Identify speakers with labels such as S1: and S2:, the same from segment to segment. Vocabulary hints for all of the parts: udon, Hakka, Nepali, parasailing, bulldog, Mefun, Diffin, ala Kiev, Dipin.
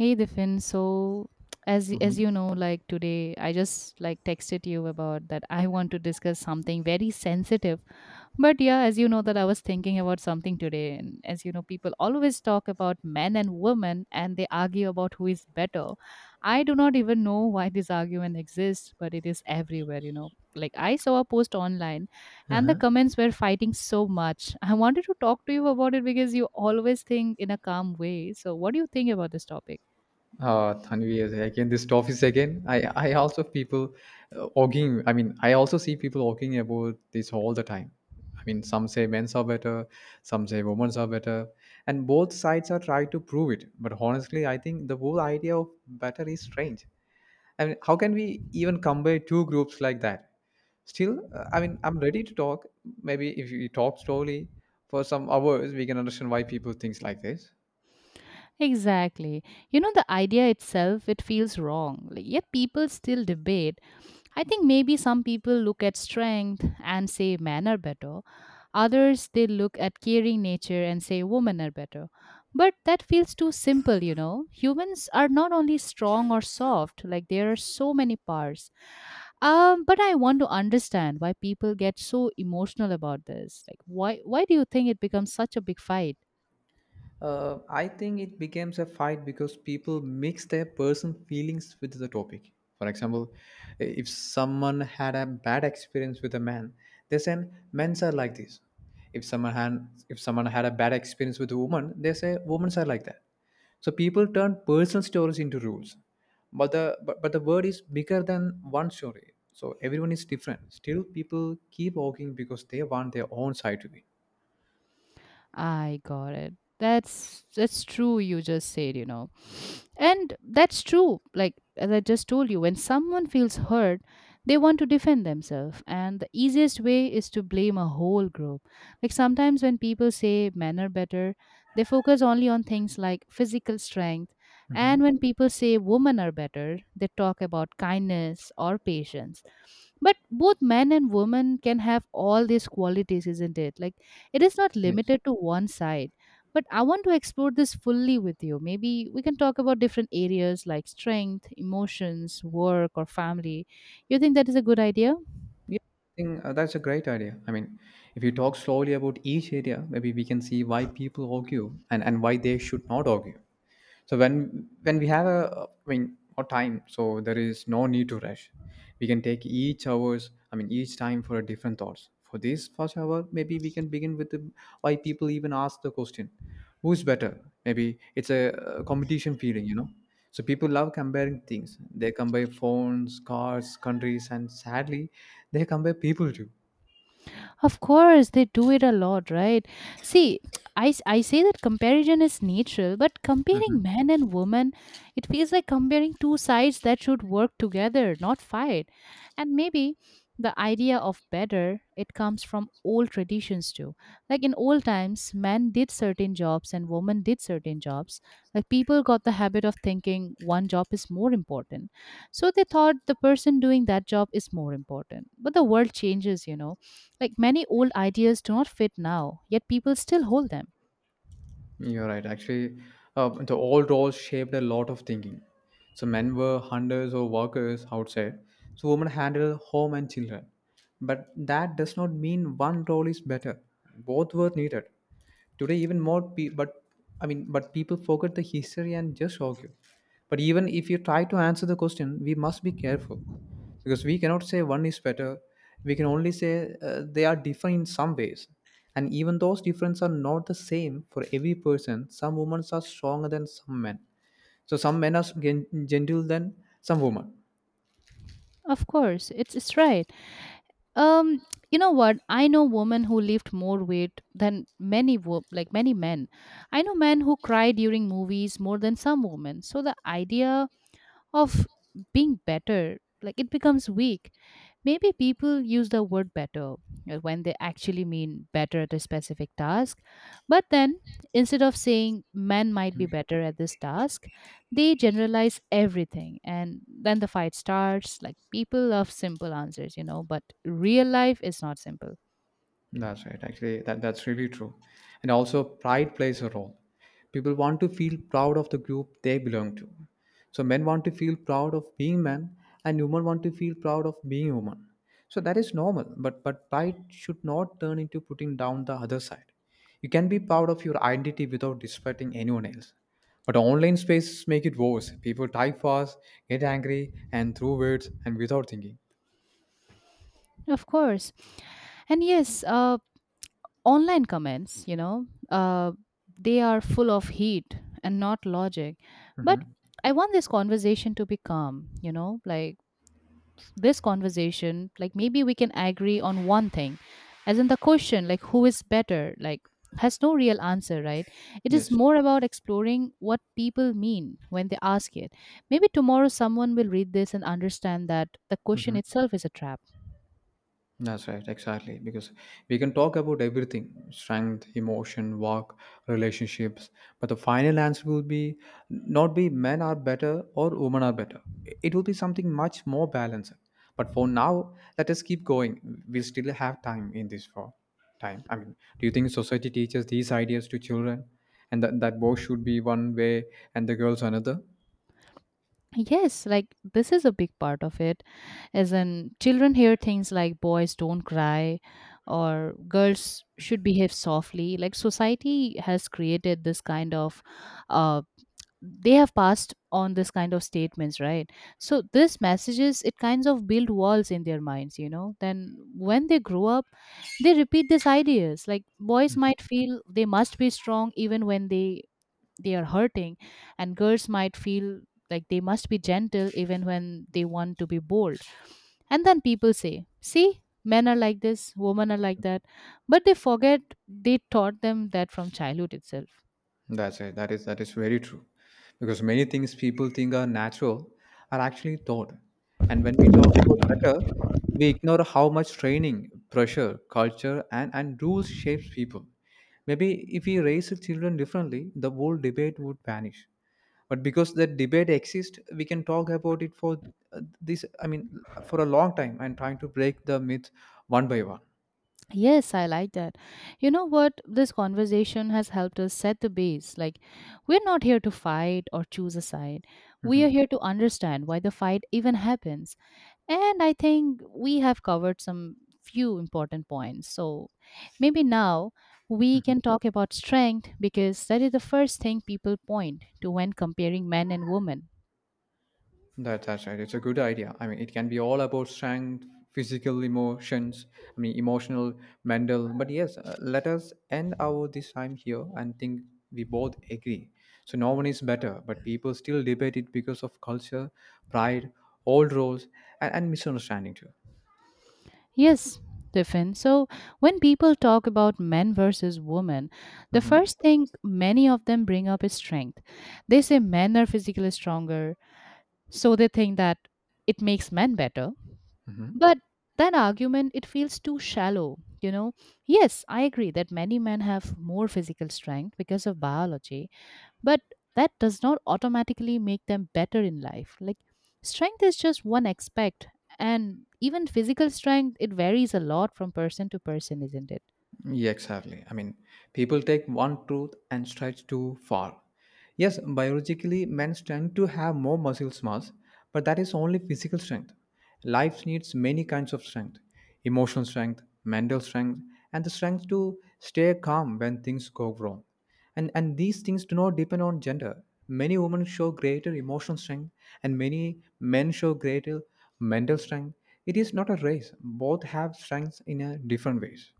S1: Hey Diffin, so as
S2: Mhm.
S1: you know, like today I just like texted you about that I want to discuss something very sensitive. But yeah, as you know that I was thinking about something today and as you know people always talk about men and women and they argue about who is better. I do not even know why this argument exists, but it is everywhere, Like I saw a post online and the
S2: Uh-huh.
S1: comments were fighting so much. I wanted to talk to you about it because you always think in a calm way. So what do you think about this topic?
S2: Tanvi, again, this office again. I also people I also see people arguing about this all the time. I mean, some say men's are better, some say women's are better, and both sides are trying to prove it. But honestly, I think the whole idea of better is strange. I mean, how can we even compare two groups like that? Still, I mean, I'm ready to talk. Maybe if we talk slowly for some hours, we can understand why people think like this.
S1: Exactly. You know, the idea itself, it feels wrong. Like, yet people still debate. I think maybe some people look at strength and say men are better. Others, they look at caring nature and say women are better. But that feels too simple. Humans are not only strong or soft, like there are so many parts. But I want to understand why people get so emotional about this. Like why do you think it becomes such a big fight?
S2: I think it becomes a fight because people mix their personal feelings with the topic. For example, if someone had a bad experience with a man, they say men's are like this. If someone had a bad experience with a woman, they say women are like that. So people turn personal stories into rules. But the word is bigger than one story. So everyone is different. Still people keep arguing because they want their own side to be.
S1: I got it. That's true. You just said, and that's true. Like as I just told you, when someone feels hurt, they want to defend themselves, and the easiest way is to blame a whole group. Like sometimes when people say men are better, they focus only on things like physical strength,
S2: Mhm.
S1: and when people say women are better, they talk about kindness or patience. But both men and women can have all these qualities, isn't it? Like it is not
S2: Yes.
S1: limited to one side. But I want to explore this fully with you. Maybe we can talk about different areas like strength, emotions, work, or family. You think that is a good idea?
S2: Yeah, I think that's a great idea. I mean, if you talk slowly about each area, maybe we can see why people argue and why they should not argue. So when we have a I mean more time, so there is no need to rush. We can take each hours, I mean each time for a different thoughts. For this first hour, maybe we can begin with why people even ask the question, who's better? Maybe it's a competition feeling, you know. So people love comparing things. They compare phones, cars, countries, and sadly, they compare people too.
S1: Of course, they do it a lot, right? See, I say that comparison is natural, but
S2: Mm-hmm.
S1: comparing man and woman, it feels like comparing two sides that should work together, not fight. And maybe the idea of better, it comes from old traditions too. Like in old times, men did certain jobs and women did certain jobs. Like people got the habit of thinking one job is more important. So they thought the person doing that job is more important. But the world changes, you know, like many old ideas do not fit now, yet people still hold them.
S2: You're right. Actually, the old roles shaped a lot of thinking. So men were hunters or workers outside. So women handled home and children. But that does not mean one role is better. Both were needed. Today, even more. Pe- but I mean, but people forget the history and just argue. But even if you try to answer the question, we must be careful because we cannot say one is better, we can only say they are different in some ways, and even those differences are not the same for every person. Some women are stronger than some men, so some men are gentle than some women.
S1: Of course, it's right. Um, you know what? I know women who lift more weight than like many men. I know men who cry during movies more than some women. So the idea of being better, like it becomes weak. Maybe people use the word better when they actually mean better at a specific task. But then, instead of saying men might be better at this task, they generalize everything. And then the fight starts. Like, people love simple answers, but real life is not simple.
S2: That's right. Actually, that's really true. And also, pride plays a role. People want to feel proud of the group they belong to. So, men want to feel proud of being men, and women want to feel proud of being women. So, that is normal. But pride should not turn into putting down the other side. You can be proud of your identity without disrespecting anyone else. But online spaces make it worse. People type fast, get angry, and throw words and without thinking.
S1: Of course. And yes, online comments, they are full of heat and not logic.
S2: Hmm
S1: But I want this conversation to be calm, you know, like of this conversation, like maybe we can agree on one thing, as in the question, like who is better, like has no real answer, right? It is
S2: Yes.
S1: more about exploring what people mean when they ask it. Maybe tomorrow someone will read this and understand that the question
S2: Mhm.
S1: itself is a trap.
S2: That's right, exactly. Because we can talk about everything: strength, emotion, work, relationships, but the final answer will be not be men are better or women are better. It will be something much more balanced. But for now, let us keep going. We still have time in this for time. I mean, do you think society teaches these ideas to children and that boys should be one way and the girls another?
S1: Yes, like this is a big part of it. As in, children hear things like boys don't cry or girls should behave softly. Like, society has created this kind of, uh, they have passed on this kind of statements, right? So, these messages, it kinds of build walls in their minds. Then, when they grow up, they repeat these ideas. Like, boys might feel they must be strong even when they are hurting and girls might feel like they must be gentle even when they want to be bold, and then people say see men are like this, women are like that, but they forget they taught them that from childhood itself.
S2: That's it. That is very true. Because many things people think are natural are actually taught. And when we talk about better, we ignore how much training, pressure, culture and rules shapes people. Maybe if we raise the children differently, the whole debate would vanish. But because that debate exists, we can talk about it for I mean, for a long time and trying to break the myth one by one.
S1: Yes, I like that. You know what? This conversation has helped us set the base. Like, we're not here to fight or choose a side. We are
S2: Mhm.
S1: here to understand why the fight even happens. And I think we have covered some few important points. So maybe now we can talk about strength because that is the first thing people point to when comparing men and women.
S2: That's right. It's a good idea. I mean, it can be all about strength, physical emotions, I mean, emotional, mental. But yes, let us end our this time here and think we both agree. So no one is better, but people still debate it because of culture, pride, old roles, and misunderstanding too.
S1: Yes, Tiffin. So when people talk about men versus women, the
S2: Hmm
S1: first thing many of them bring up is strength. They say men are physically stronger, so they think that it makes men better.
S2: hmm
S1: But that argument it feels too shallow, you know. Yes, I agree that many men have more physical strength because of biology, but that does not automatically make them better in life. Like strength is just one aspect and even physical strength it varies a lot from person to person, isn't it?
S2: Yeah, exactly. I mean, people take one truth and stretch too far. Yes, biologically, men tend to have more muscle mass, but that is only physical strength. Life needs many kinds of strength: emotional strength, mental strength, and the strength to stay calm when things go wrong. And these things do not depend on gender. Many women show greater emotional strength, and many men show greater mental strength. It is not a race, both have strengths in a different ways.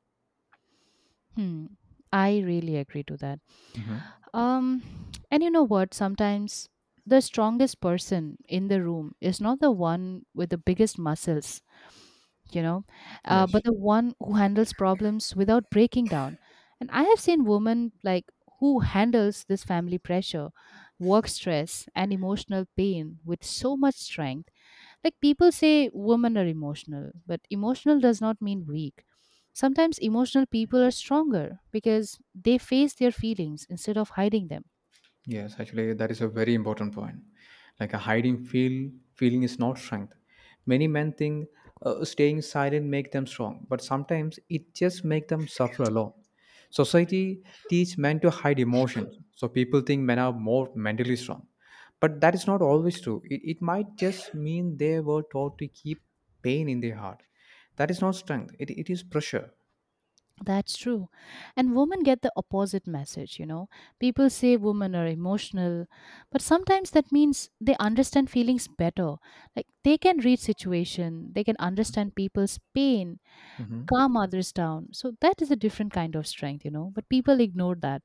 S1: Hmm. I really agree to that.
S2: Mm-hmm.
S1: Um and you know what? Sometimes the strongest person in the room is not the one with the biggest muscles, you know,
S2: Yes,
S1: but the one who handles problems without breaking down. And I have seen women like who handles this family pressure, work stress, and emotional pain with so much strength. Like people say women are emotional, but emotional does not mean weak. Sometimes emotional people are stronger because they face their feelings instead of hiding them.
S2: yes, actually, that is a very important point. Like a hiding feel feeling is not strength. Many men think staying silent make them strong, but sometimes it just make them suffer alone. Society teach men to hide emotions, so people think men are more mentally strong, but that is not always true. It might just mean they were taught to keep pain in their heart. That is not strength. It is pressure.
S1: That's true. And women get the opposite message, you know. People say women are emotional, but sometimes that means they understand feelings better. Like they can read situation, they can understand people's pain,
S2: Mm-hmm.
S1: calm others down. So that is a different kind of strength, you know. But people ignore that.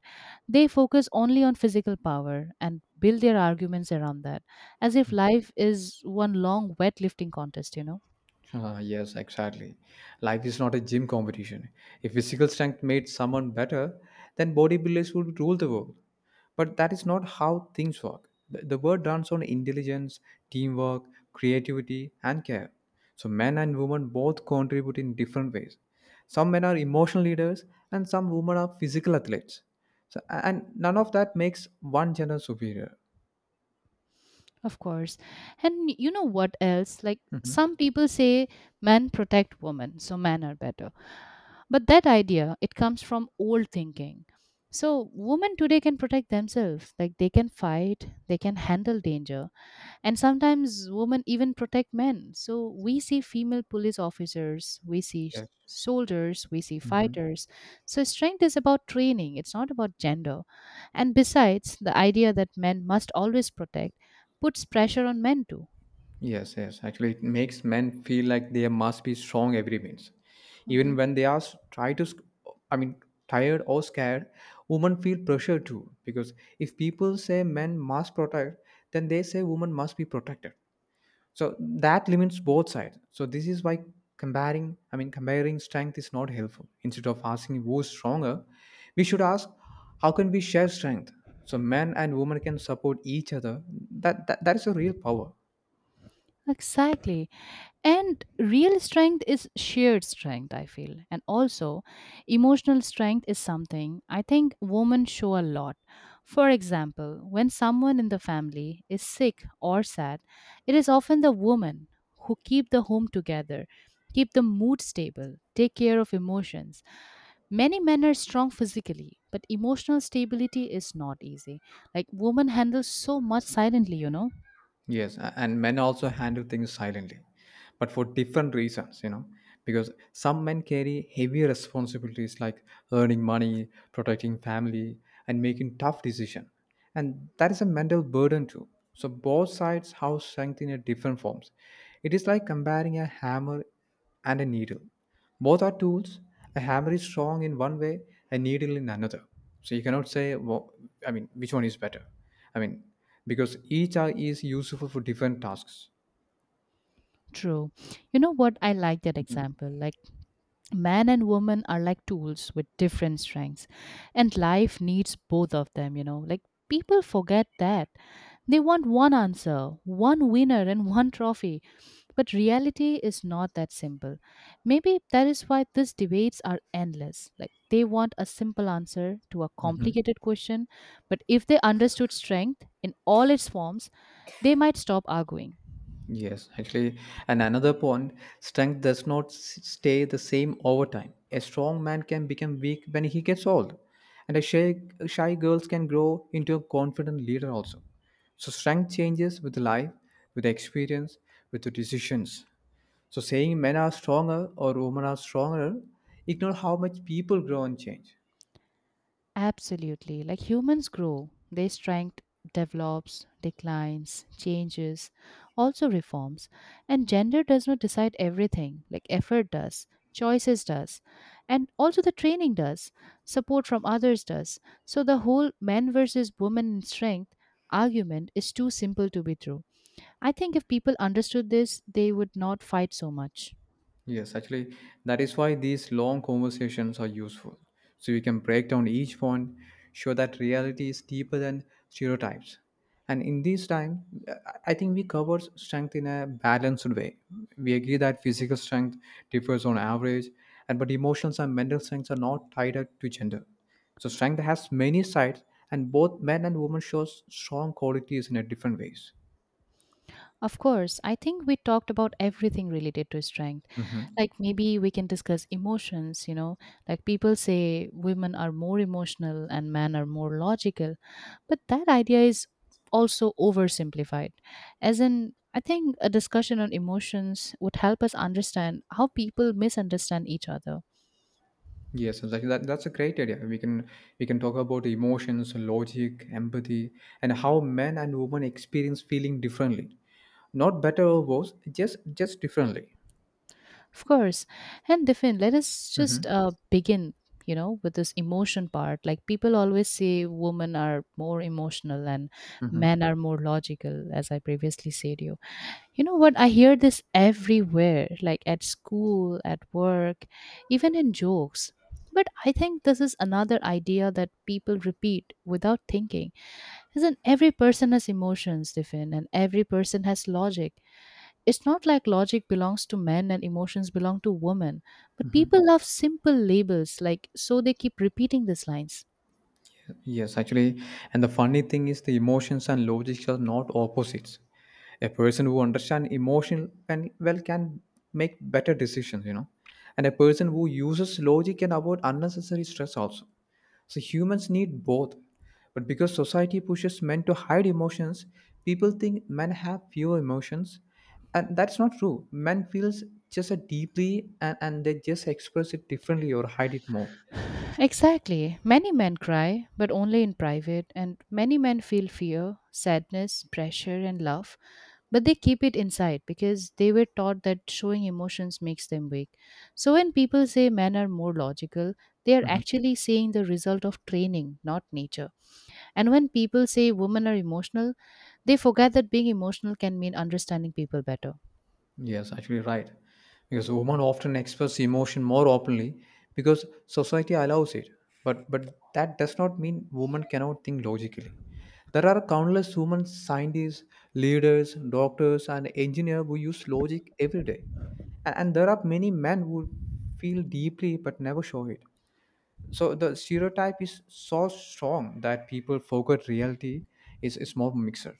S1: They focus only on physical power and build their arguments around that, as if life is one long weightlifting contest, you know.
S2: Yes, exactly. Life is not a gym competition. If physical strength made someone better, then bodybuilders would rule the world. But that is not how things work. The world runs on intelligence, teamwork, creativity, and care. So men and women both contribute in different ways. Some men are emotional leaders, and some women are physical athletes. So, and none of that makes one gender superior.
S1: Of course. And you know what else? Like
S2: Mhm.
S1: some people say men protect women, so men are better. But that idea, it comes from old thinking. So women today can protect themselves. Like they can fight, they can handle danger. And sometimes women even protect men, so we see female police officers, we see
S2: Yes.
S1: soldiers, we see
S2: Mhm.
S1: fighters. So strength is about training, it's not about gender. And besides, the idea that men must always protect puts pressure on men too.
S2: Yes, yes. Actually, it makes men feel like they must be strong every means. Even
S1: Mhm.
S2: when they are I mean, tired or scared, women feel pressure too. Because if people say men must protect, then they say women must be protected. So that limits both sides. So this is why I mean, comparing strength is not helpful. Instead of asking who's stronger, we should ask how can we share strength. So men and women can support each other. That is a real power.
S1: Exactly. And real strength is shared strength, I feel. And also, emotional strength is something I think women show a lot. For example, when someone in the family is sick or sad, it is often the woman who keep the home together, keep the mood stable, take care of emotions. Many men are strong physically, but emotional stability is not easy. Like women handle so much silently, you know?
S2: Yes, and men also handle things silently, but for different reasons, you know, because some men carry heavy responsibilities like earning money, protecting family, and making tough decisions. And that is a mental burden too. So both sides have strength in a different forms. It is like comparing a hammer and a needle. Both are tools. A hammer is strong in one way, a needle in another. So you cannot say, well, I mean, which one is better? I mean, because each are is useful for different tasks.
S1: True. You know what? I like that example. Like man and woman are like tools with different strengths, and life needs both of them, you know. Like people forget that. They want one answer, one winner, and one trophy, but reality is not that simple. Maybe that is why these debates are endless, like they want a simple answer to a
S2: Hmm
S1: complicated question. But if they understood strength in all its forms, they might stop arguing.
S2: Yes, actually, and another point, strength does not stay the same over time. A strong man can become weak when he gets old, and a shy girl can grow into a confident leader also. So strength changes with life, with experience, with the decisions. So saying men are stronger or women are stronger ignore how much people grow and change.
S1: Absolutely. Like humans grow, their strength develops, declines, changes, also reforms. And gender does not decide everything, like effort does, choices does, and also the training does, support from others does. So the whole men versus women in strength argument is too simple to be true. I think if people understood this, they would not fight so much.
S2: Yes, actually, that is why these long conversations are useful. So you can break down each point, show that reality is deeper than stereotypes. And in this time, I think we cover strength in a balanced way. We agree that physical strength differs on average, and but emotions and mental strengths are not tied up to gender. So strength has many sides, and both men and women show strong qualities in a different ways.
S1: Of course, I think we talked about everything related to strength. Like maybe we can discuss emotions, you know, like people say women are more emotional and men are more logical, but that idea is also oversimplified. As in, I think a discussion on emotions would help us understand how people misunderstand each other.
S2: Yes, exactly. That's a great idea. We can talk about emotions, logic, empathy, and how men and women experience feeling differently. Not better or worse, just differently.
S1: Of course. And Diffin, let us just
S2: Hmm
S1: begin, you know, with this emotion part. Like people always say women are more emotional and
S2: hmm
S1: men are more logical, as I previously said you. You know what? I hear this everywhere, like at school, at work, even in jokes. But I think this is another idea that people repeat without thinking. Isn't every person has emotions, Diffin, and every person has logic. It's not like logic belongs to men and emotions belong to women, but people love simple labels, like so they keep repeating these lines.
S2: Yes, actually, and the funny thing is the emotions and logic are not opposites. A person who understands emotion and well can make better decisions, you know, and a person who uses logic can avoid unnecessary stress also. So humans need both. But because society pushes men to hide emotions, people think men have fewer emotions. And that's not true. Men feels just as deeply and they just express it differently or hide it more.
S1: Exactly. Many men cry, but only in private, and many men feel fear, sadness, pressure, and love, but they keep it inside because they were taught that showing emotions makes them weak. So when people say men are more logical, they are
S2: Mhm.
S1: actually saying the result of training, not nature. And when people say women are emotional, they forget that being emotional can mean understanding people better.
S2: Yes, actually right. Because women often express emotion more openly because society allows it. But that does not mean women cannot think logically. There are countless women scientists, leaders, doctors, and engineers who use logic every day. And there are many men who feel deeply but never show it. So the stereotype is so strong that people forget reality is a small mixer.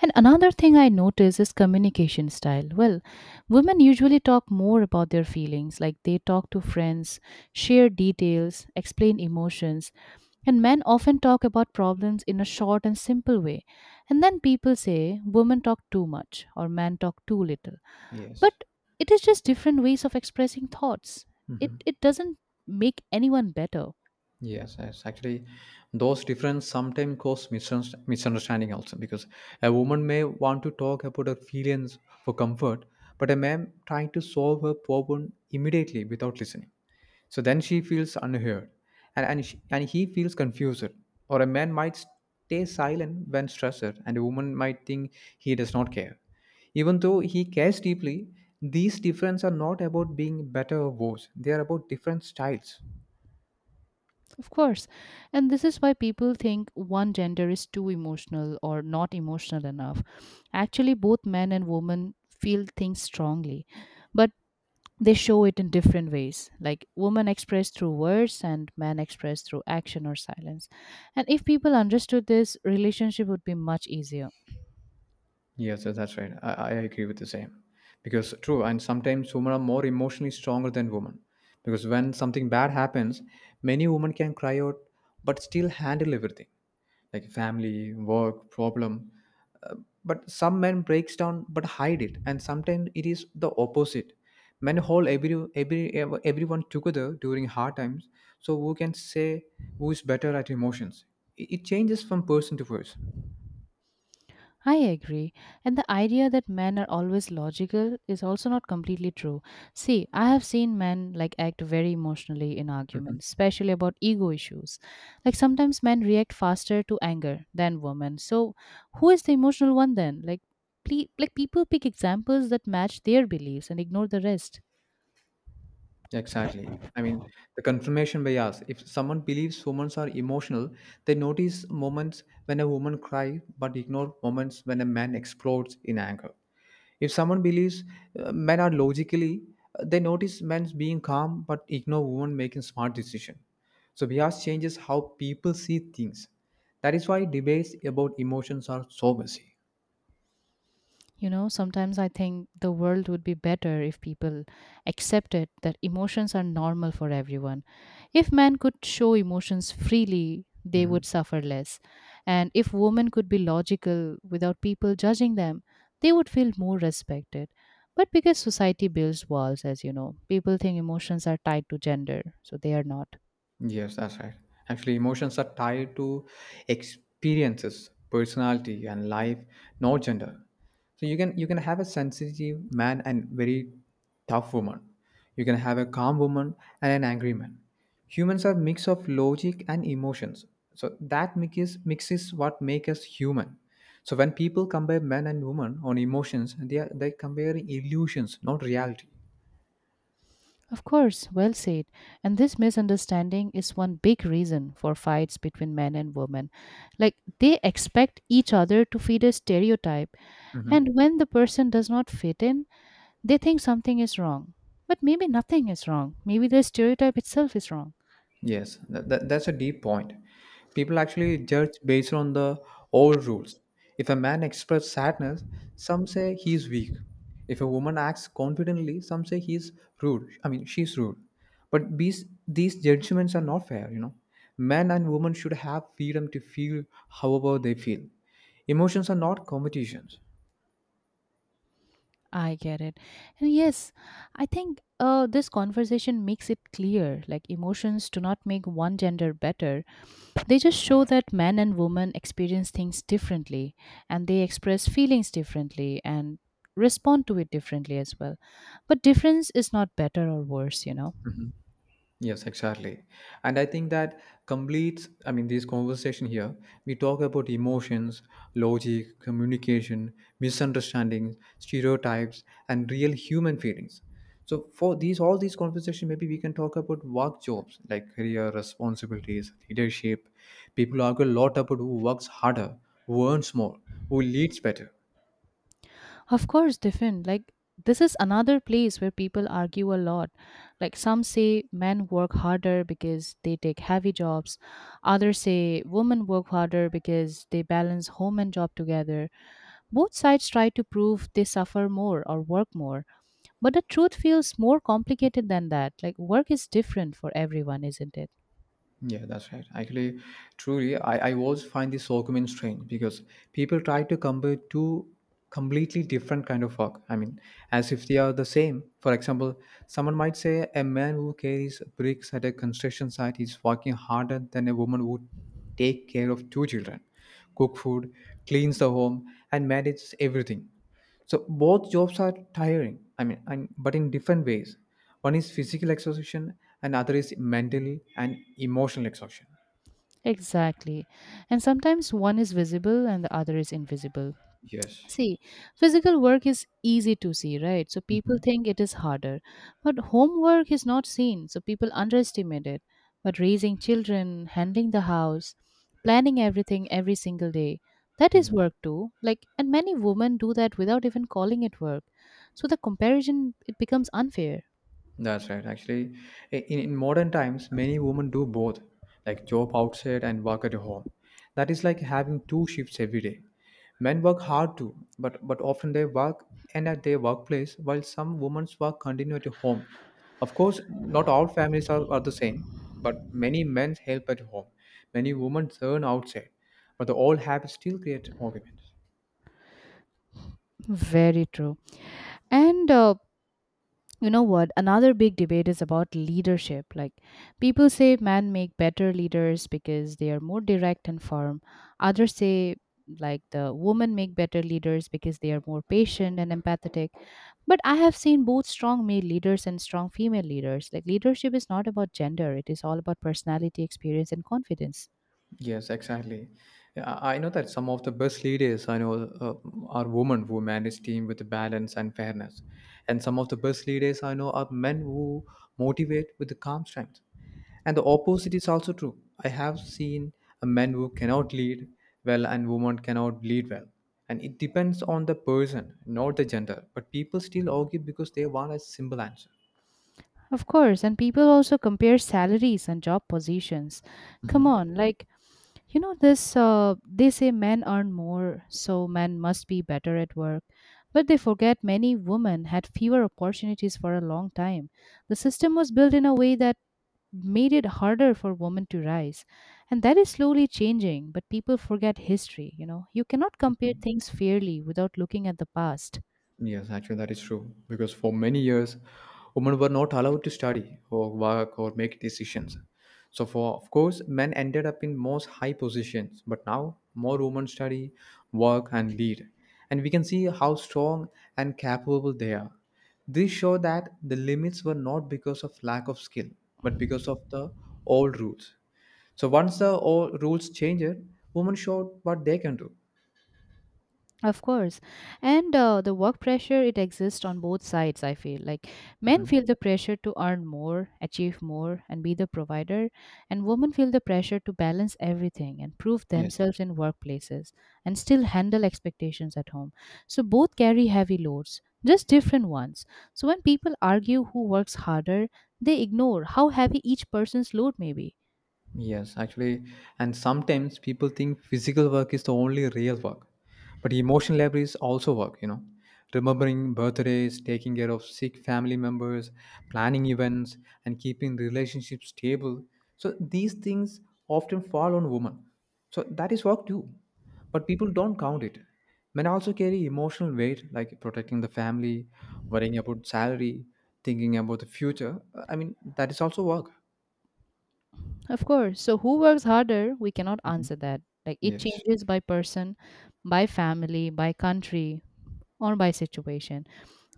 S1: And another thing I notice is communication style. Women usually talk more about their feelings, like they talk to friends, share details, explain emotions. And men often talk about problems in a short and simple way. And then people say women talk too much or men talk too little.
S2: Yes.
S1: But it is just different ways of expressing thoughts. It doesn't make anyone better.
S2: Yes, yes. Actually, those differences sometimes cause misunderstanding also because a woman may want to talk about her feelings for comfort, but a man trying to solve her problem immediately without listening. So then she feels unheard, and and he feels confused. Or a man might stay silent when stressed, and a woman might think he does not care, even though he cares deeply. These differences are not about being better or worse; they are about different styles.
S1: Of course. And this is why people think one gender is too emotional or not emotional enough. Actually, both men and women feel things strongly, but they show it in different ways. Like women express through words and men express through action or silence. And if people understood this, relationship would be much easier.
S2: Yes, yes, that's right. I agree with the same. Because true, and sometimes women are more emotionally stronger than women. Because when something bad happens, many women can cry out, but still handle everything, like family, work, problem. Uh, but some men breaks down, but hide it. And sometimes it is the opposite. Men hold everyone together during hard times. So who can say who is better at emotions? It changes from person to person.
S1: I agree. And the idea that men are always logical is also not completely true. See, I have seen men like act very emotionally in arguments, especially about ego issues. Like sometimes men react faster to anger than women. So, who is the emotional one then? Like like people pick examples that match their beliefs and ignore the rest.
S2: Exactly. I mean, the confirmation bias. If someone believes women are emotional, they notice moments when a woman cries but ignore moments when a man explodes in anger. If someone believes men are logically, they notice men being calm but ignore women making smart decisions. So bias changes how people see things. That is why debates about emotions are so messy.
S1: You know, sometimes I think the world would be better if people accepted that emotions are normal for everyone. If men could show emotions freely, they
S2: Mm-hmm.
S1: would suffer less. And if women could be logical without people judging them, they would feel more respected. But because society builds walls, as you know, people think emotions are tied to gender, so they are not.
S2: Yes, that's right. Actually, emotions are tied to experiences, personality, and life, not gender. So you can have a sensitive man and very tough woman. You can have a calm woman and an angry man. Humans are mix of logic and emotions. So that mixes what make us human. So when people compare men and women on emotions, they compare illusions, not reality.
S1: Of course, well said. And this misunderstanding is one big reason for fights between men and women. Like they expect each other to fit a stereotype,
S2: Mm-hmm.
S1: and when the person does not fit in, they think something is wrong. But maybe nothing is wrong. Maybe the stereotype itself is wrong.
S2: Yes, that's a deep point. People actually judge based on the old rules. If a man expresses sadness, some say he's weak. If a woman acts confidently, some say he's rude. I mean, she's rude. But these judgments are not fair, you know. Men and women should have freedom to feel however they feel. Emotions are not competitions.
S1: I get it. And yes, I think this conversation makes it clear like emotions do not make one gender better. They just show that men and women experience things differently and they express feelings differently and respond to it differently as well. But difference is not better or worse, you know.
S2: Yes, exactly. And I think that completes, I mean, this conversation here. We talk about emotions, logic, communication, misunderstandings, stereotypes, and real human feelings. So for these all these conversation, maybe we can talk about work jobs like career responsibilities, leadership. People argue a lot about who works harder, who earns more, who leads better.
S1: Of course, different. Like, this is another place where people argue a lot. Like, some say men work harder because they take heavy jobs, others say women work harder because they balance home and job together. Both sides try to prove they suffer more or work more. But the truth feels more complicated than that. Like, work is different for everyone, isn't it?
S2: Yeah, that's right. Actually, truly, I always find this argument strange because people try to compare two completely different kind of work. I mean, as if they are the same. For example, someone might say a man who carries bricks at a construction site is working harder than a woman who take care of two children, cook food, cleans the home, and manages everything. So both jobs are tiring. I mean, and, but in different ways. One is physical exhaustion, and other is mental and emotional exhaustion.
S1: Exactly. And sometimes one is visible and the other is invisible.
S2: Yes.
S1: See, physical work is easy to see, right? So people
S2: Mhm.
S1: think it is harder. But homework is not seen, so people underestimate it. But raising children, handling the house, planning everything every single day, that is
S2: Mhm.
S1: work too. Like, and many women do that without even calling it work. So the comparison, it becomes unfair.
S2: That's right. Actually, in modern times, many women do both, like job outside and work at home. That is like having two shifts every day. Men work hard too, but often they work and at their workplace, while some women's work continue at homes. Of course, not all families are the same, but many men help at home. Many women turn outside, but the old habits still create arguments.
S1: Very true. And you know what? Another big debate is about leadership. Like, people say men make better leaders because they are more direct and firm. Others say, like, the women make better leaders because they are more patient and empathetic. But I have seen both strong male leaders and strong female leaders. Like, leadership is not about gender, it is all about personality, experience, and confidence.
S2: Yes, exactly. Yeah, I know that some of the best leaders I know uh, are women who manage team with balance and fairness, and some of the best leaders I know are men who motivate with the calm strength. And the opposite is also true. I have seen a men who cannot lead well and women cannot lead well. And it depends on the person, not the gender. But people still argue because they want a simple answer.
S1: Of course, and people also compare salaries and job positions. Come on, like, you know, they say men earn more, so men must be better at work. But they forget many women had fewer opportunities for a long time. The system was built in a way that made it harder for women to rise. And that is slowly changing, but people forget history. You know, you cannot compare things fairly without looking at the past.
S2: Yes, actually, that is true. Because for many years, women were not allowed to study or work or make decisions. So, for of course, men ended up in most high positions. But now, more women study, work, and lead, and we can see how strong and capable they are. This show that the limits were not because of lack of skill, but because of the old rules. So once the old rules changed, women showed what they can do.
S1: Of course. And the work pressure, it exists on both sides, I feel. Like men feel the pressure to earn more, achieve more, and be the provider. And women feel the pressure to balance everything and prove
S2: Yes.
S1: themselves in workplaces and still handle expectations at home. So both carry heavy loads, just different ones. So when people argue who works harder, they ignore how heavy each person's load may be.
S2: Yes, actually, and sometimes people think physical work is the only real work, but emotional labor is also work, you know. Remembering birthdays, taking care of sick family members, planning events, and keeping relationships stable. So these things often fall on women. So that is work too, but people don't count it. Men also carry emotional weight, like protecting the family, worrying about salary, thinking about the future. I mean, that is also work.
S1: Of course. So, who works harder? We cannot
S2: Mhm.
S1: answer that. Like, it
S2: Yes.
S1: changes by person, by family, by country, or by situation.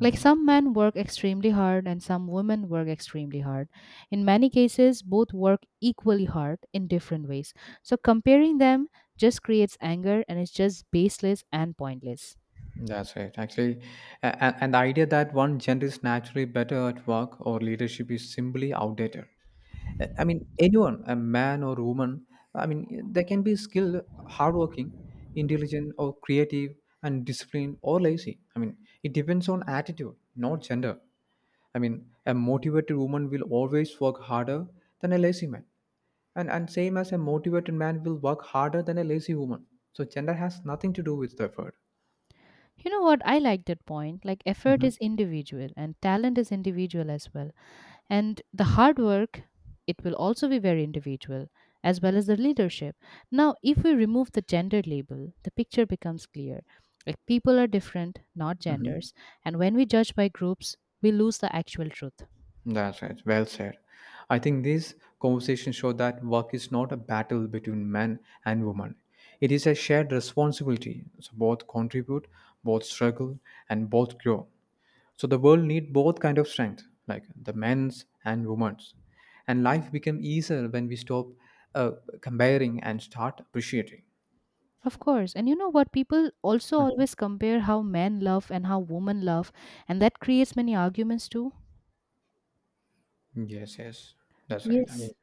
S1: Like, some men work extremely hard and some women work extremely hard. In many cases, both work equally hard in different ways. So, comparing them just creates anger and it's just baseless and pointless.
S2: That's right. Actually, and the idea that one gender is naturally better at work or leadership is simply outdated. I mean, anyone, a man or woman, I mean, they can be skilled, hardworking, intelligent, or creative, and disciplined or lazy. I mean, it depends on attitude, not gender. I mean, a motivated woman will always work harder than a lazy man, and same as a motivated man will work harder than a lazy woman. So gender has nothing to do with the effort.
S1: You know what? I like that point. Like, effort
S2: Hmm.
S1: is individual and talent is individual as well. And the hard work, it will also be very individual, as well as the leadership. Now, if we remove the gender label, the picture becomes clear. Like people are different, not
S2: Hmm.
S1: genders. And when we judge by groups, we lose the actual truth.
S2: That's right. Well said. I think these conversations show that work is not a battle between men and women. It is a shared responsibility. So both contribute, both struggle, and both grow. So the world need both kind of strength, like the men's and women's. And life become easier when we stop uh, comparing and start appreciating.
S1: Of course. And you know what? People also
S2: Mhm.
S1: always compare how men love and how women love, and that creates many arguments too.
S2: Yes, yes, that's right. I
S1: Yes.
S2: mean,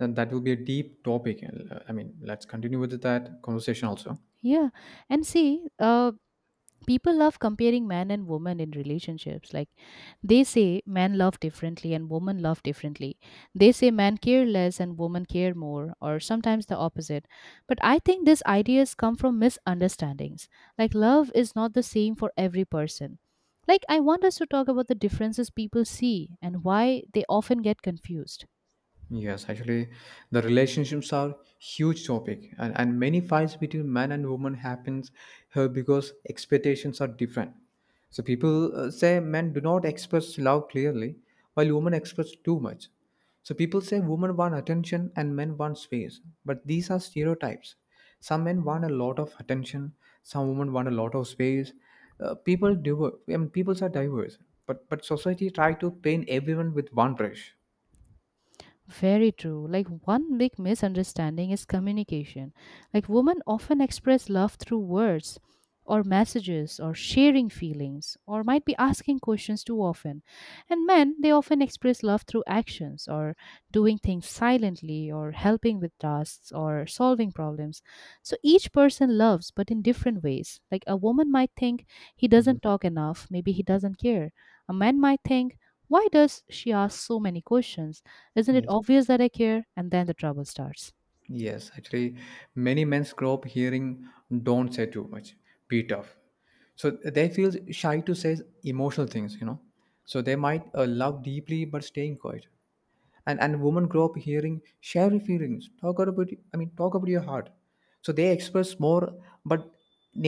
S2: and that will be a deep topic. And, I mean, let's continue with that conversation also.
S1: Yeah. And see, people love comparing men and women in relationships like they say men love differently and women love differently. They say men care less and women care more or sometimes the opposite, but I think these ideas come from misunderstandings. Like love is not the same for every person. Like I want us to talk about the differences people see and why they often get confused.
S2: Yes, actually, the relationships are huge topic, and many fights between man and woman happens here because expectations are different. So people say men do not express love clearly, while women express too much. So people say women want attention and men want space, but these are stereotypes. Some men want a lot of attention, some women want a lot of space. People diver, I mean, peoples are diverse, but society try to paint everyone with one brush.
S1: Very true. Like one big misunderstanding is communication. Like women often express love through words or messages or sharing feelings or might be asking questions too often. And men, they often express love through actions or doing things silently or helping with tasks or solving problems. So each person loves but in different ways. Like a woman might think he doesn't talk enough, maybe he doesn't care. A man might think why does she ask so many questions? Isn't it
S2: Yes.
S1: obvious that I care? And then the trouble starts.
S2: Yes, actually, many men grow up hearing "Don't say too much, be tough," so they feel shy to say emotional things. You know, so they might love deeply but staying quiet. And women grow up hearing "Share your feelings, talk about it- I mean talk about your heart," so they express more, but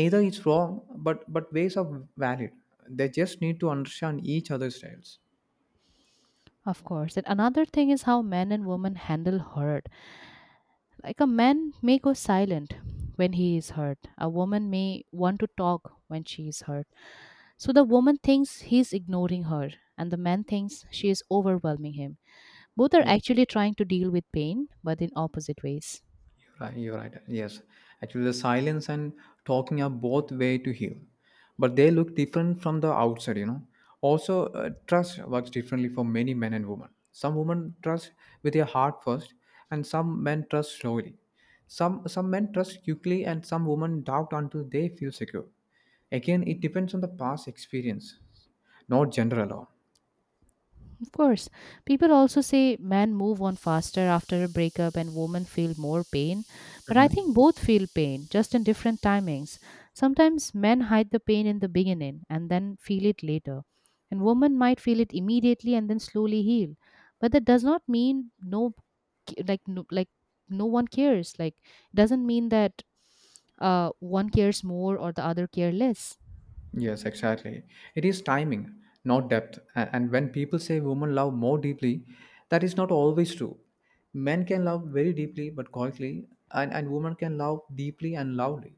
S2: neither is wrong. But ways are valid. They just need to understand each other's styles.
S1: Of course. And another thing is how men and women handle hurt. Like a man may go silent when he is hurt, a woman may want to talk when she is hurt. So the woman thinks he's ignoring her, and the man thinks she is overwhelming him. Both are
S2: Yes.
S1: actually trying to deal with pain, but in opposite ways.
S2: Right, you're right. Yes, actually, the silence and talking are both way to heal, but they look different from the outside. You know. Also, trust works differently for many men and women. Some women trust with their heart first, and some men trust slowly. Some men trust quickly, and some women doubt until they feel secure. Again, it depends on the past experience, not gender alone.
S1: Of course, people also say men move on faster after a breakup and women feel more pain, but I think both feel pain, just in different timings. Sometimes men hide the pain in the beginning and then feel it later, and women might feel it immediately and then slowly heal. But that does not mean no, like no, like no one cares. Like it doesn't mean that one cares more or the other care less.
S2: Yes, exactly. It is timing, not depth. And when people say women love more deeply, that is not always true. Men can love very deeply but quietly, and women can love deeply and loudly.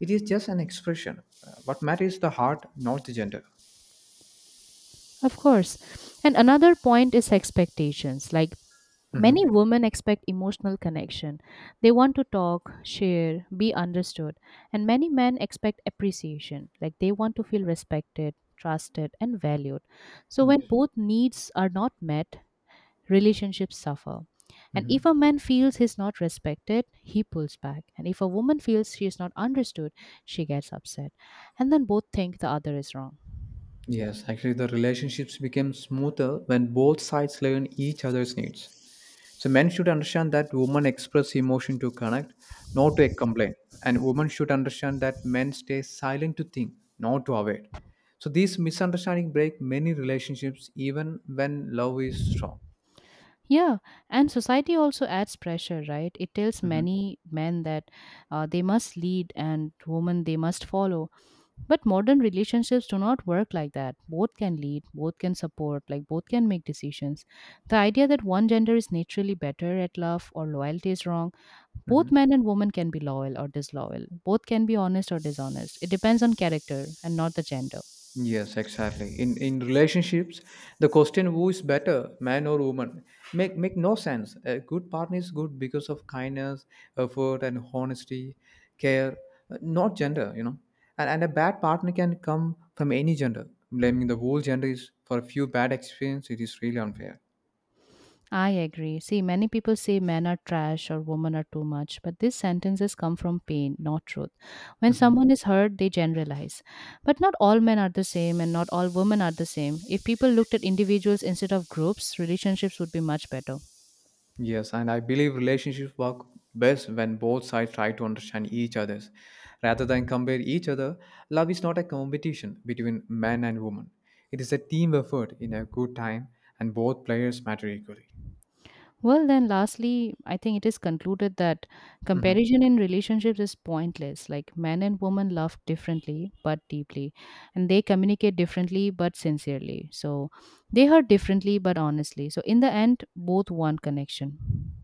S2: It is just an expression. What matters is the heart, not the gender.
S1: Of course. And another point is expectations. Like
S2: Mhm.
S1: many women expect emotional connection. They want to talk, share, be understood. And many men expect appreciation, like they want to feel respected, trusted, and valued. So when both needs are not met, relationships suffer. And if a man feels he's not respected, he pulls back. And if a woman feels she is not understood, she gets upset. And then both think the other is wrong.
S2: Yes, actually, the relationships become smoother when both sides learn each other's needs. So, men should understand that women express emotion to connect, not to complain. And women should understand that men stay silent to think, not to avoid. So, these misunderstandings break many relationships even when love is strong.
S1: Yeah, and society also adds pressure, right? It tells
S2: Mm-hmm.
S1: many men that they must lead and women they must follow. But modern relationships do not work like that. Both can lead, both can support, like both can make decisions. The idea that one gender is naturally better at love or loyalty is wrong. Both men and women can be loyal or disloyal. Both can be honest or dishonest. It depends on character and not the gender.
S2: Yes, exactly. In relationships, the question who is better, man or woman, make no sense. A good partner is good because of kindness, effort, and honesty, care, not gender, you know. And a bad partner can come from any gender. Blaming the whole gender is for a few bad experiences, it is really unfair.
S1: I agree. See, many people say men are trash or women are too much, but these sentences come from pain, not truth. When someone is hurt, they generalize. But not all men are the same and not all women are the same. If people looked at individuals instead of groups, relationships would be much better.
S2: Yes, and I believe relationships work best when both sides try to understand each other's. Rather than compare each other, love is not a competition between men and women. It is a team effort in a good time, and both players matter equally.
S1: Well, then, lastly, I think it is concluded that
S2: Mhm.
S1: comparison in relationships is pointless. Like men and women love differently but deeply, and they communicate differently but sincerely. So they hurt differently but honestly. So, in the end, both want connection.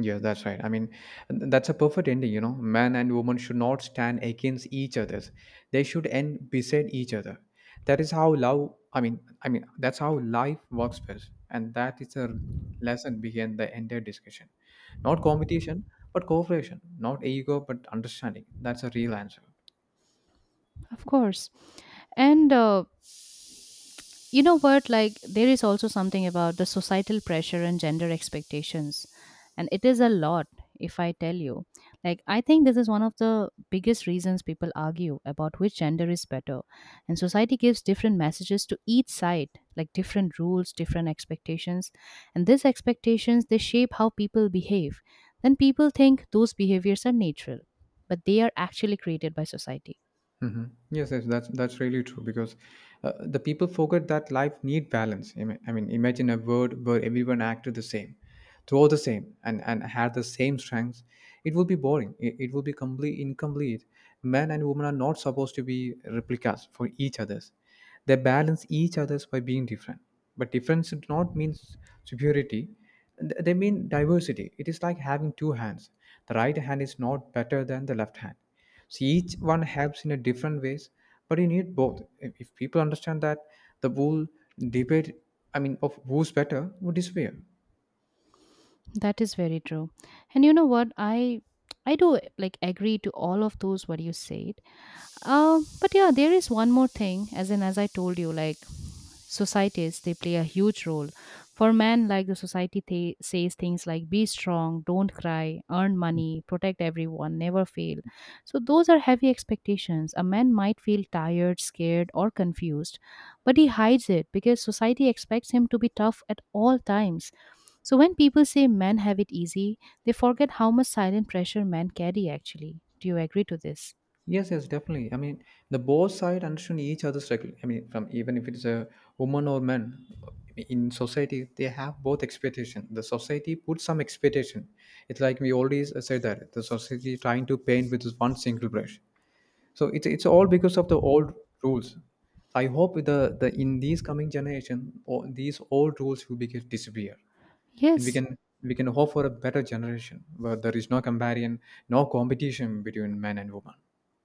S2: Yeah, that's right. I mean, that's a perfect ending, you know. Man and woman should not stand against each other. They should end beside each other. That is how love, I mean, that's how life works best. And that is the lesson behind the entire discussion. Not competition, but cooperation. Not ego, but understanding. That's a real answer.
S1: Of course. And you know what? Like, there is also something about the societal pressure and gender expectations. And it is a lot, if I tell you. Like, I think this is one of the biggest reasons people argue about which gender is better. And society gives different messages to each side, like different rules, different expectations. And these expectations, they shape how people behave. Then people think those behaviors are natural, but they are actually created by society.
S2: Hmm. Yes, yes, that's really true because the people forget that life need balance. I mean, imagine a world where everyone acted the same, thought the same, and had the same strengths. It will be boring. It will be complete incomplete. Men and women are not supposed to be replicas for each others. They balance each others by being different. But difference does not mean superiority. They mean diversity. It is like having two hands. The right hand is not better than the left hand, so each one helps in a different ways, but you need both. If people understand that, the whole debate, of who's better, would disappear.
S1: That is very true. And you know what? I do like agree to all of those what you said. But yeah, there is one more thing, as in, as I told you, like societies, they play a huge role. For men, like the society says things like be strong, don't cry, earn money, protect everyone, never fail. So those are heavy expectations. A man might feel tired, scared, or confused, but he hides it because society expects him to be tough at all times. So when people say men have it easy, they forget how much silent pressure men carry actually. Do you agree to this?
S2: Yes, yes, definitely. I mean, the both side understand each other's struggle. I mean, from even if it's a woman or man in society, they have both expectation. The society puts some expectation. It's like we always said that the society trying to paint with this one single brush. So it's all because of the old rules. So I hope with these coming generation, all, these old rules will begin disappear, and we
S1: Yes.
S2: can we can hope for a better generation where there is no comparison, no competition between men and women.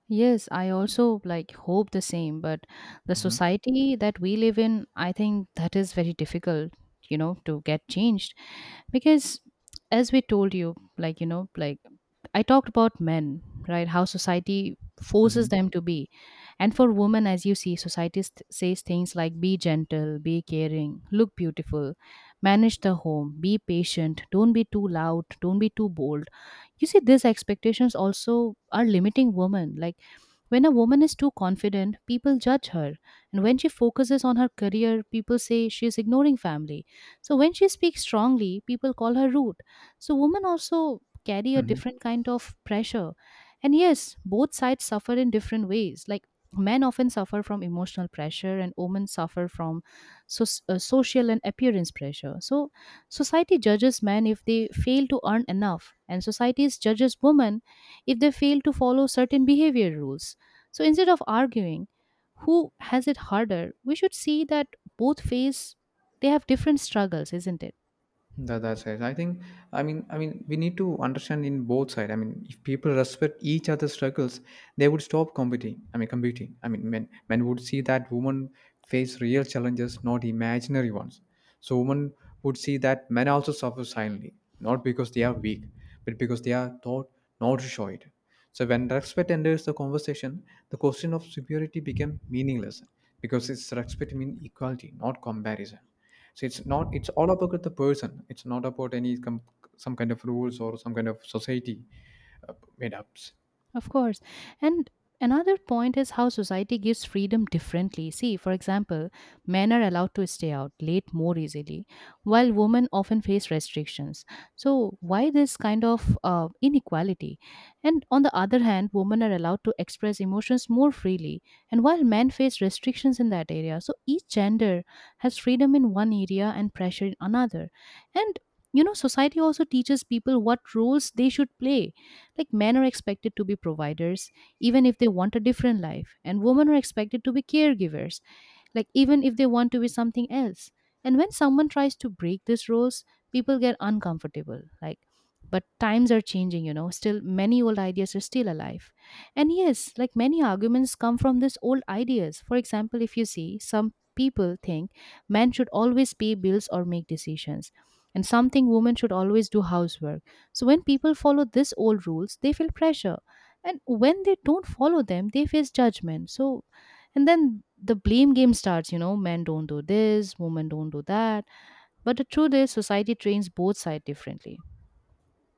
S1: Yes, I also like hope the same, but the
S2: hmm
S1: society that we live in, I think that is very difficult, you know, to get changed because as we told you, like, you know, like I talked about men, right? How society
S2: hmm
S1: forces them to be. And for women, as you see, society says things like be gentle, be caring, look beautiful, manage the home, be patient, don't be too loud, don't be too bold. You see, these expectations also are limiting women. Like, when a woman is too confident, people judge her. And when she focuses on her career, people say she is ignoring family. So when she speaks strongly, people call her rude. So women also carry a
S2: hmm
S1: different kind of pressure. And yes, both sides suffer in different ways. Like men often suffer from emotional pressure and women suffer from so, social and appearance pressure. So society judges men if they fail to earn enough and society judges women if they fail to follow certain behavior rules, so instead of arguing who has it harder, we should see that both face, they have different struggles, isn't it?
S2: that's it, I think. We need to understand in both sides. I mean, if people respect each other's struggles, they would stop competing. Men would see that women face real challenges, not imaginary ones. So women would see that men also suffer silently, not because they are weak, but because they are taught not to show it. So when respect enters the conversation, the question of superiority became meaningless, because it's respect means equality, not comparison. So it's not, it's all about the person. It's not about any some kind of rules or some kind of society made up.
S1: Of course. And another point is how society gives freedom differently. See, for example, men are allowed to stay out late more easily, while women often face restrictions. So, why this kind of inequality? And on the other hand, women are allowed to express emotions more freely, and while men face restrictions in that area. So, each gender has freedom in one area and pressure in another. And you know, society also teaches people what roles they should play, like men are expected to be providers even if they want a different life, and women are expected to be caregivers, like even if they want to be something else. And when someone tries to break these rules, people get uncomfortable. Like, but times are changing, you know, still many old ideas are still alive. And yes, like many arguments come from these old ideas. For example, if you see, some people think men should always pay bills or make decisions, and some think women should always do housework. So when people follow these old rules, they feel pressure, and when they don't follow them, they face judgment. So and then the blame game starts, you know, men don't do this, women don't do that. But the truth is, society trains both sides differently.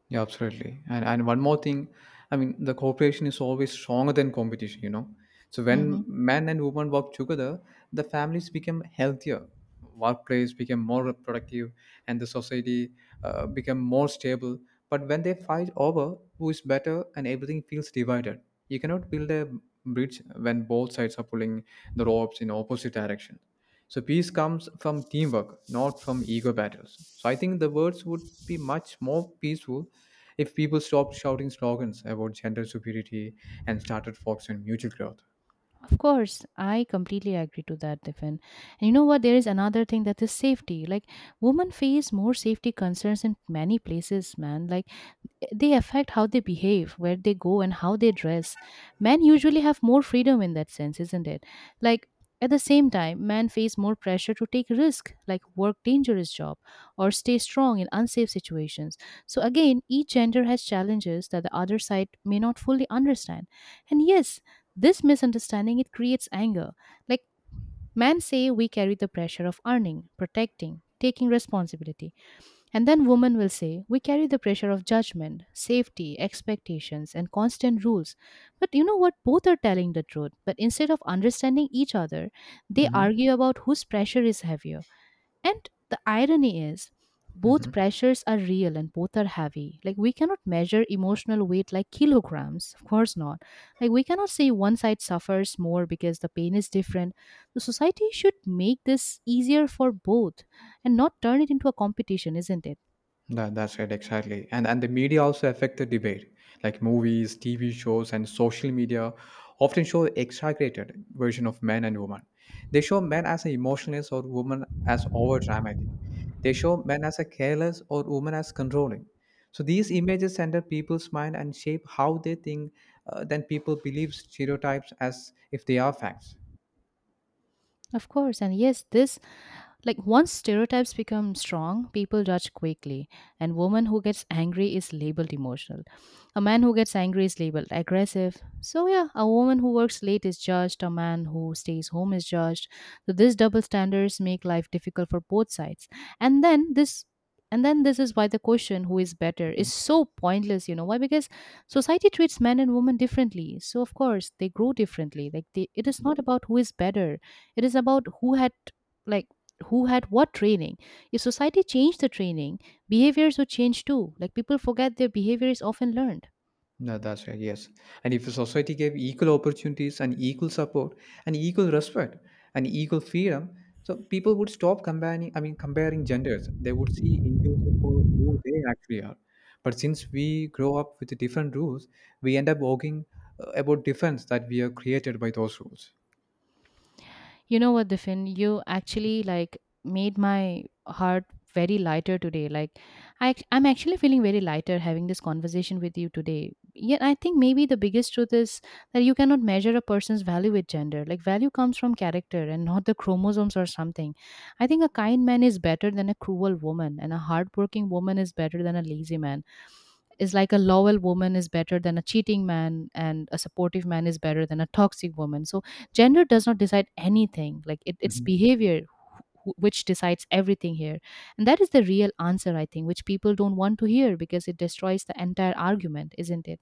S2: Yeah, absolutely. And one more thing, I mean, the cooperation is always stronger than competition, you know. So
S1: Hmm.
S2: when men and women work together, the families become healthier, workplace become more productive, and the society become more stable. But when they fight over who is better and everything feels divided, you cannot build a bridge when both sides are pulling the ropes in opposite direction. So peace comes from teamwork, not from ego battles. So I think the words would be much more peaceful if people stopped shouting slogans about gender superiority and started focusing on mutual growth.
S1: Of course, I completely agree to that, Tiffin. And you know what? There is another thing, that is safety. Like, women face more safety concerns in many places, man. Like, they affect how they behave, where they go, and how they dress. Men usually have more freedom in that sense, isn't it? Like, at the same time, men face more pressure to take risk, like work dangerous job or stay strong in unsafe situations. So again, each gender has challenges that the other side may not fully understand. And yes, this misunderstanding it creates anger. Like men say we carry the pressure of earning, protecting, taking responsibility, and then women will say, we carry the pressure of judgment, safety, expectations, and constant rules. But you know what? Both are telling the truth. But instead of understanding each other, they
S2: hmm
S1: argue about whose pressure is heavier. And the irony is, both
S2: hmm
S1: pressures are real and both are heavy. Like, we cannot measure emotional weight like kilograms. Of course not. Like, we cannot say one side suffers more because the pain is different. The society should make this easier for both and not turn it into a competition, isn't it?
S2: that's right, exactly. And the media also affect the debate. Like movies, TV shows, and social media often show exaggerated version of men and women. They show men as emotionless or women as over dramatic. They show men as a careless or women as controlling. So these images enter people's mind and shape how they think. Then people believe stereotypes as if they are facts.
S1: Of course, and yes, this, once stereotypes become strong, people judge quickly, and woman who gets angry is labeled emotional. A man who gets angry is labeled aggressive. So yeah, a woman who works late is judged, a man who stays home is judged. So these double standards make life difficult for both sides. And then this and then this is why the question who is better is so pointless, you know. Why? Because society treats men and women differently. So of course they grow differently. Like it is not about who is better. It is about who had, like, who had what training. If society changed the training, behaviors would change too. Like people forget their behavior is often learned.
S2: No, that's right. Yes. And if society gave equal opportunities and equal support and equal respect and equal freedom, so people would stop comparing, comparing genders. They would see individuals for who they actually are. But since we grow up with different rules, we end up arguing about difference that we are created by those rules.
S1: You know what, Diffin? You actually like made my heart very lighter today. Like I'm actually feeling very lighter having this conversation with you today. Yet I think maybe the biggest truth is that you cannot measure a person's value with gender. Like value comes from character and not the chromosomes or something. I think a kind man is better than a cruel woman, and a hardworking woman is better than a lazy man, is like a loyal woman is better than a cheating man and a supportive man is better than a toxic woman. So gender does not decide anything. Like it's
S2: Mhm.
S1: behavior which decides everything here. And that is the real answer, I think, which people don't want to hear because it destroys the entire argument, isn't it?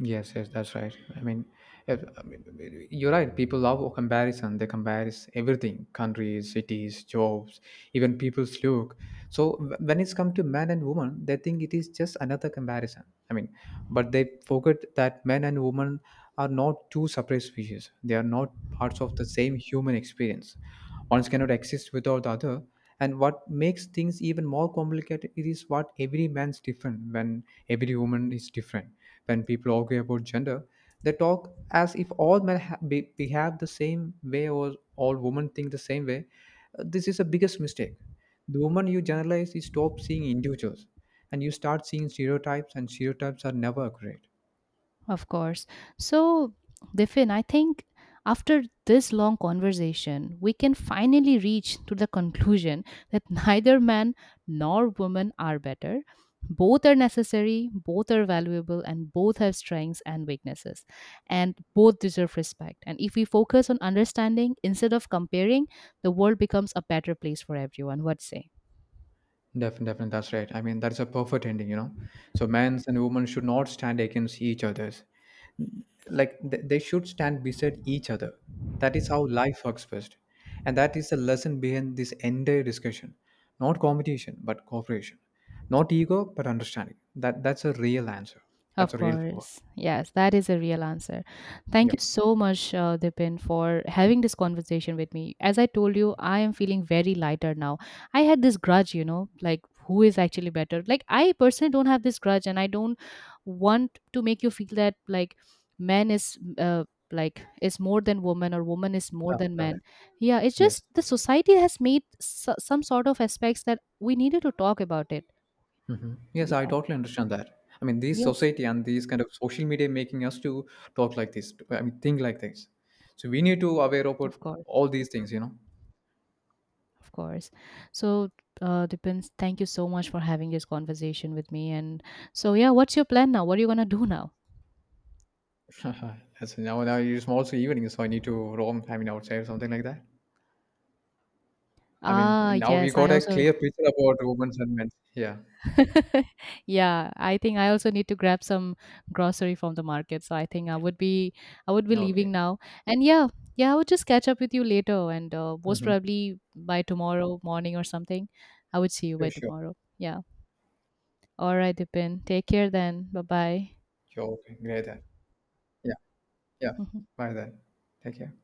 S2: Yes, yes, that's right. I mean, if, I mean, you're right. People love comparison. They compare everything: countries, cities, jobs, even people's look. So when it's come to men and women, they think it is just another comparison. I mean, but they forget that men and women are not two separate species. They are not parts of the same human experience. One cannot exist without the other. And what makes things even more complicated is what every man's different when every woman is different. When people argue about gender, they talk as if all men behave the same way or all women think the same way. This is the biggest mistake. The moment you generalize, you stop seeing individuals and you start seeing stereotypes, and stereotypes are never accurate.
S1: Of course. So, Diffin, I think after this long conversation, we can finally reach to the conclusion that neither man nor woman are better. Both are necessary, both are valuable, and both have strengths and weaknesses. And both deserve respect. And if we focus on understanding instead of comparing, the world becomes a better place for everyone. What say?
S2: Definitely, definitely, that's right. I mean, that is a perfect ending, you know. So men's and women should not stand against each others. Like they should stand beside each other. That is how life works best, and that is the lesson behind this entire discussion. Not competition but cooperation, not ego but understanding. That that's a real answer. That's
S1: Of
S2: a real power.
S1: course. Yes, that is a real answer. Thank
S2: Yeah.
S1: you so much, Dipin, for having this conversation with me. As I told you, I am feeling very lighter now. I had this grudge, you know, like who is actually better. Like, I personally don't have this grudge, and I don't want to make you feel that, like, man is. Like is more than woman or woman is more than
S2: Got it.
S1: man. Yeah, it's
S2: Yes,
S1: just the society has made some sort of aspects that we needed to talk about it.
S2: yes, I
S1: Yeah.
S2: totally understand that. I mean, this
S1: Yes.
S2: society and these kind of social media making us to talk like this think like this. So we need to aware about
S1: Of course.
S2: all these things, you know.
S1: Of course. So, depends. Thank you so much for having this conversation with me. And so, yeah, what's your plan now? What are you gonna do now?
S2: That's, now it's also evening, so I need to roam, I mean, outside or something like that. I mean,
S1: Ah,
S2: now we
S1: yes,
S2: got
S1: I
S2: a
S1: also,
S2: clear picture about women's and men's. Yeah.
S1: yeah, I think I also need to grab some grocery from the market. So I would be
S2: Okay.
S1: leaving now. And yeah, yeah, I would just catch up with you later, and most
S2: Hmm.
S1: probably by tomorrow morning or something. I would see you
S2: Sure,
S1: by
S2: sure.
S1: tomorrow. Yeah. All right, Dipin. Take care then. Bye bye.
S2: Sure. Okay. Great then. Yeah. Yeah. Bye then. Take care.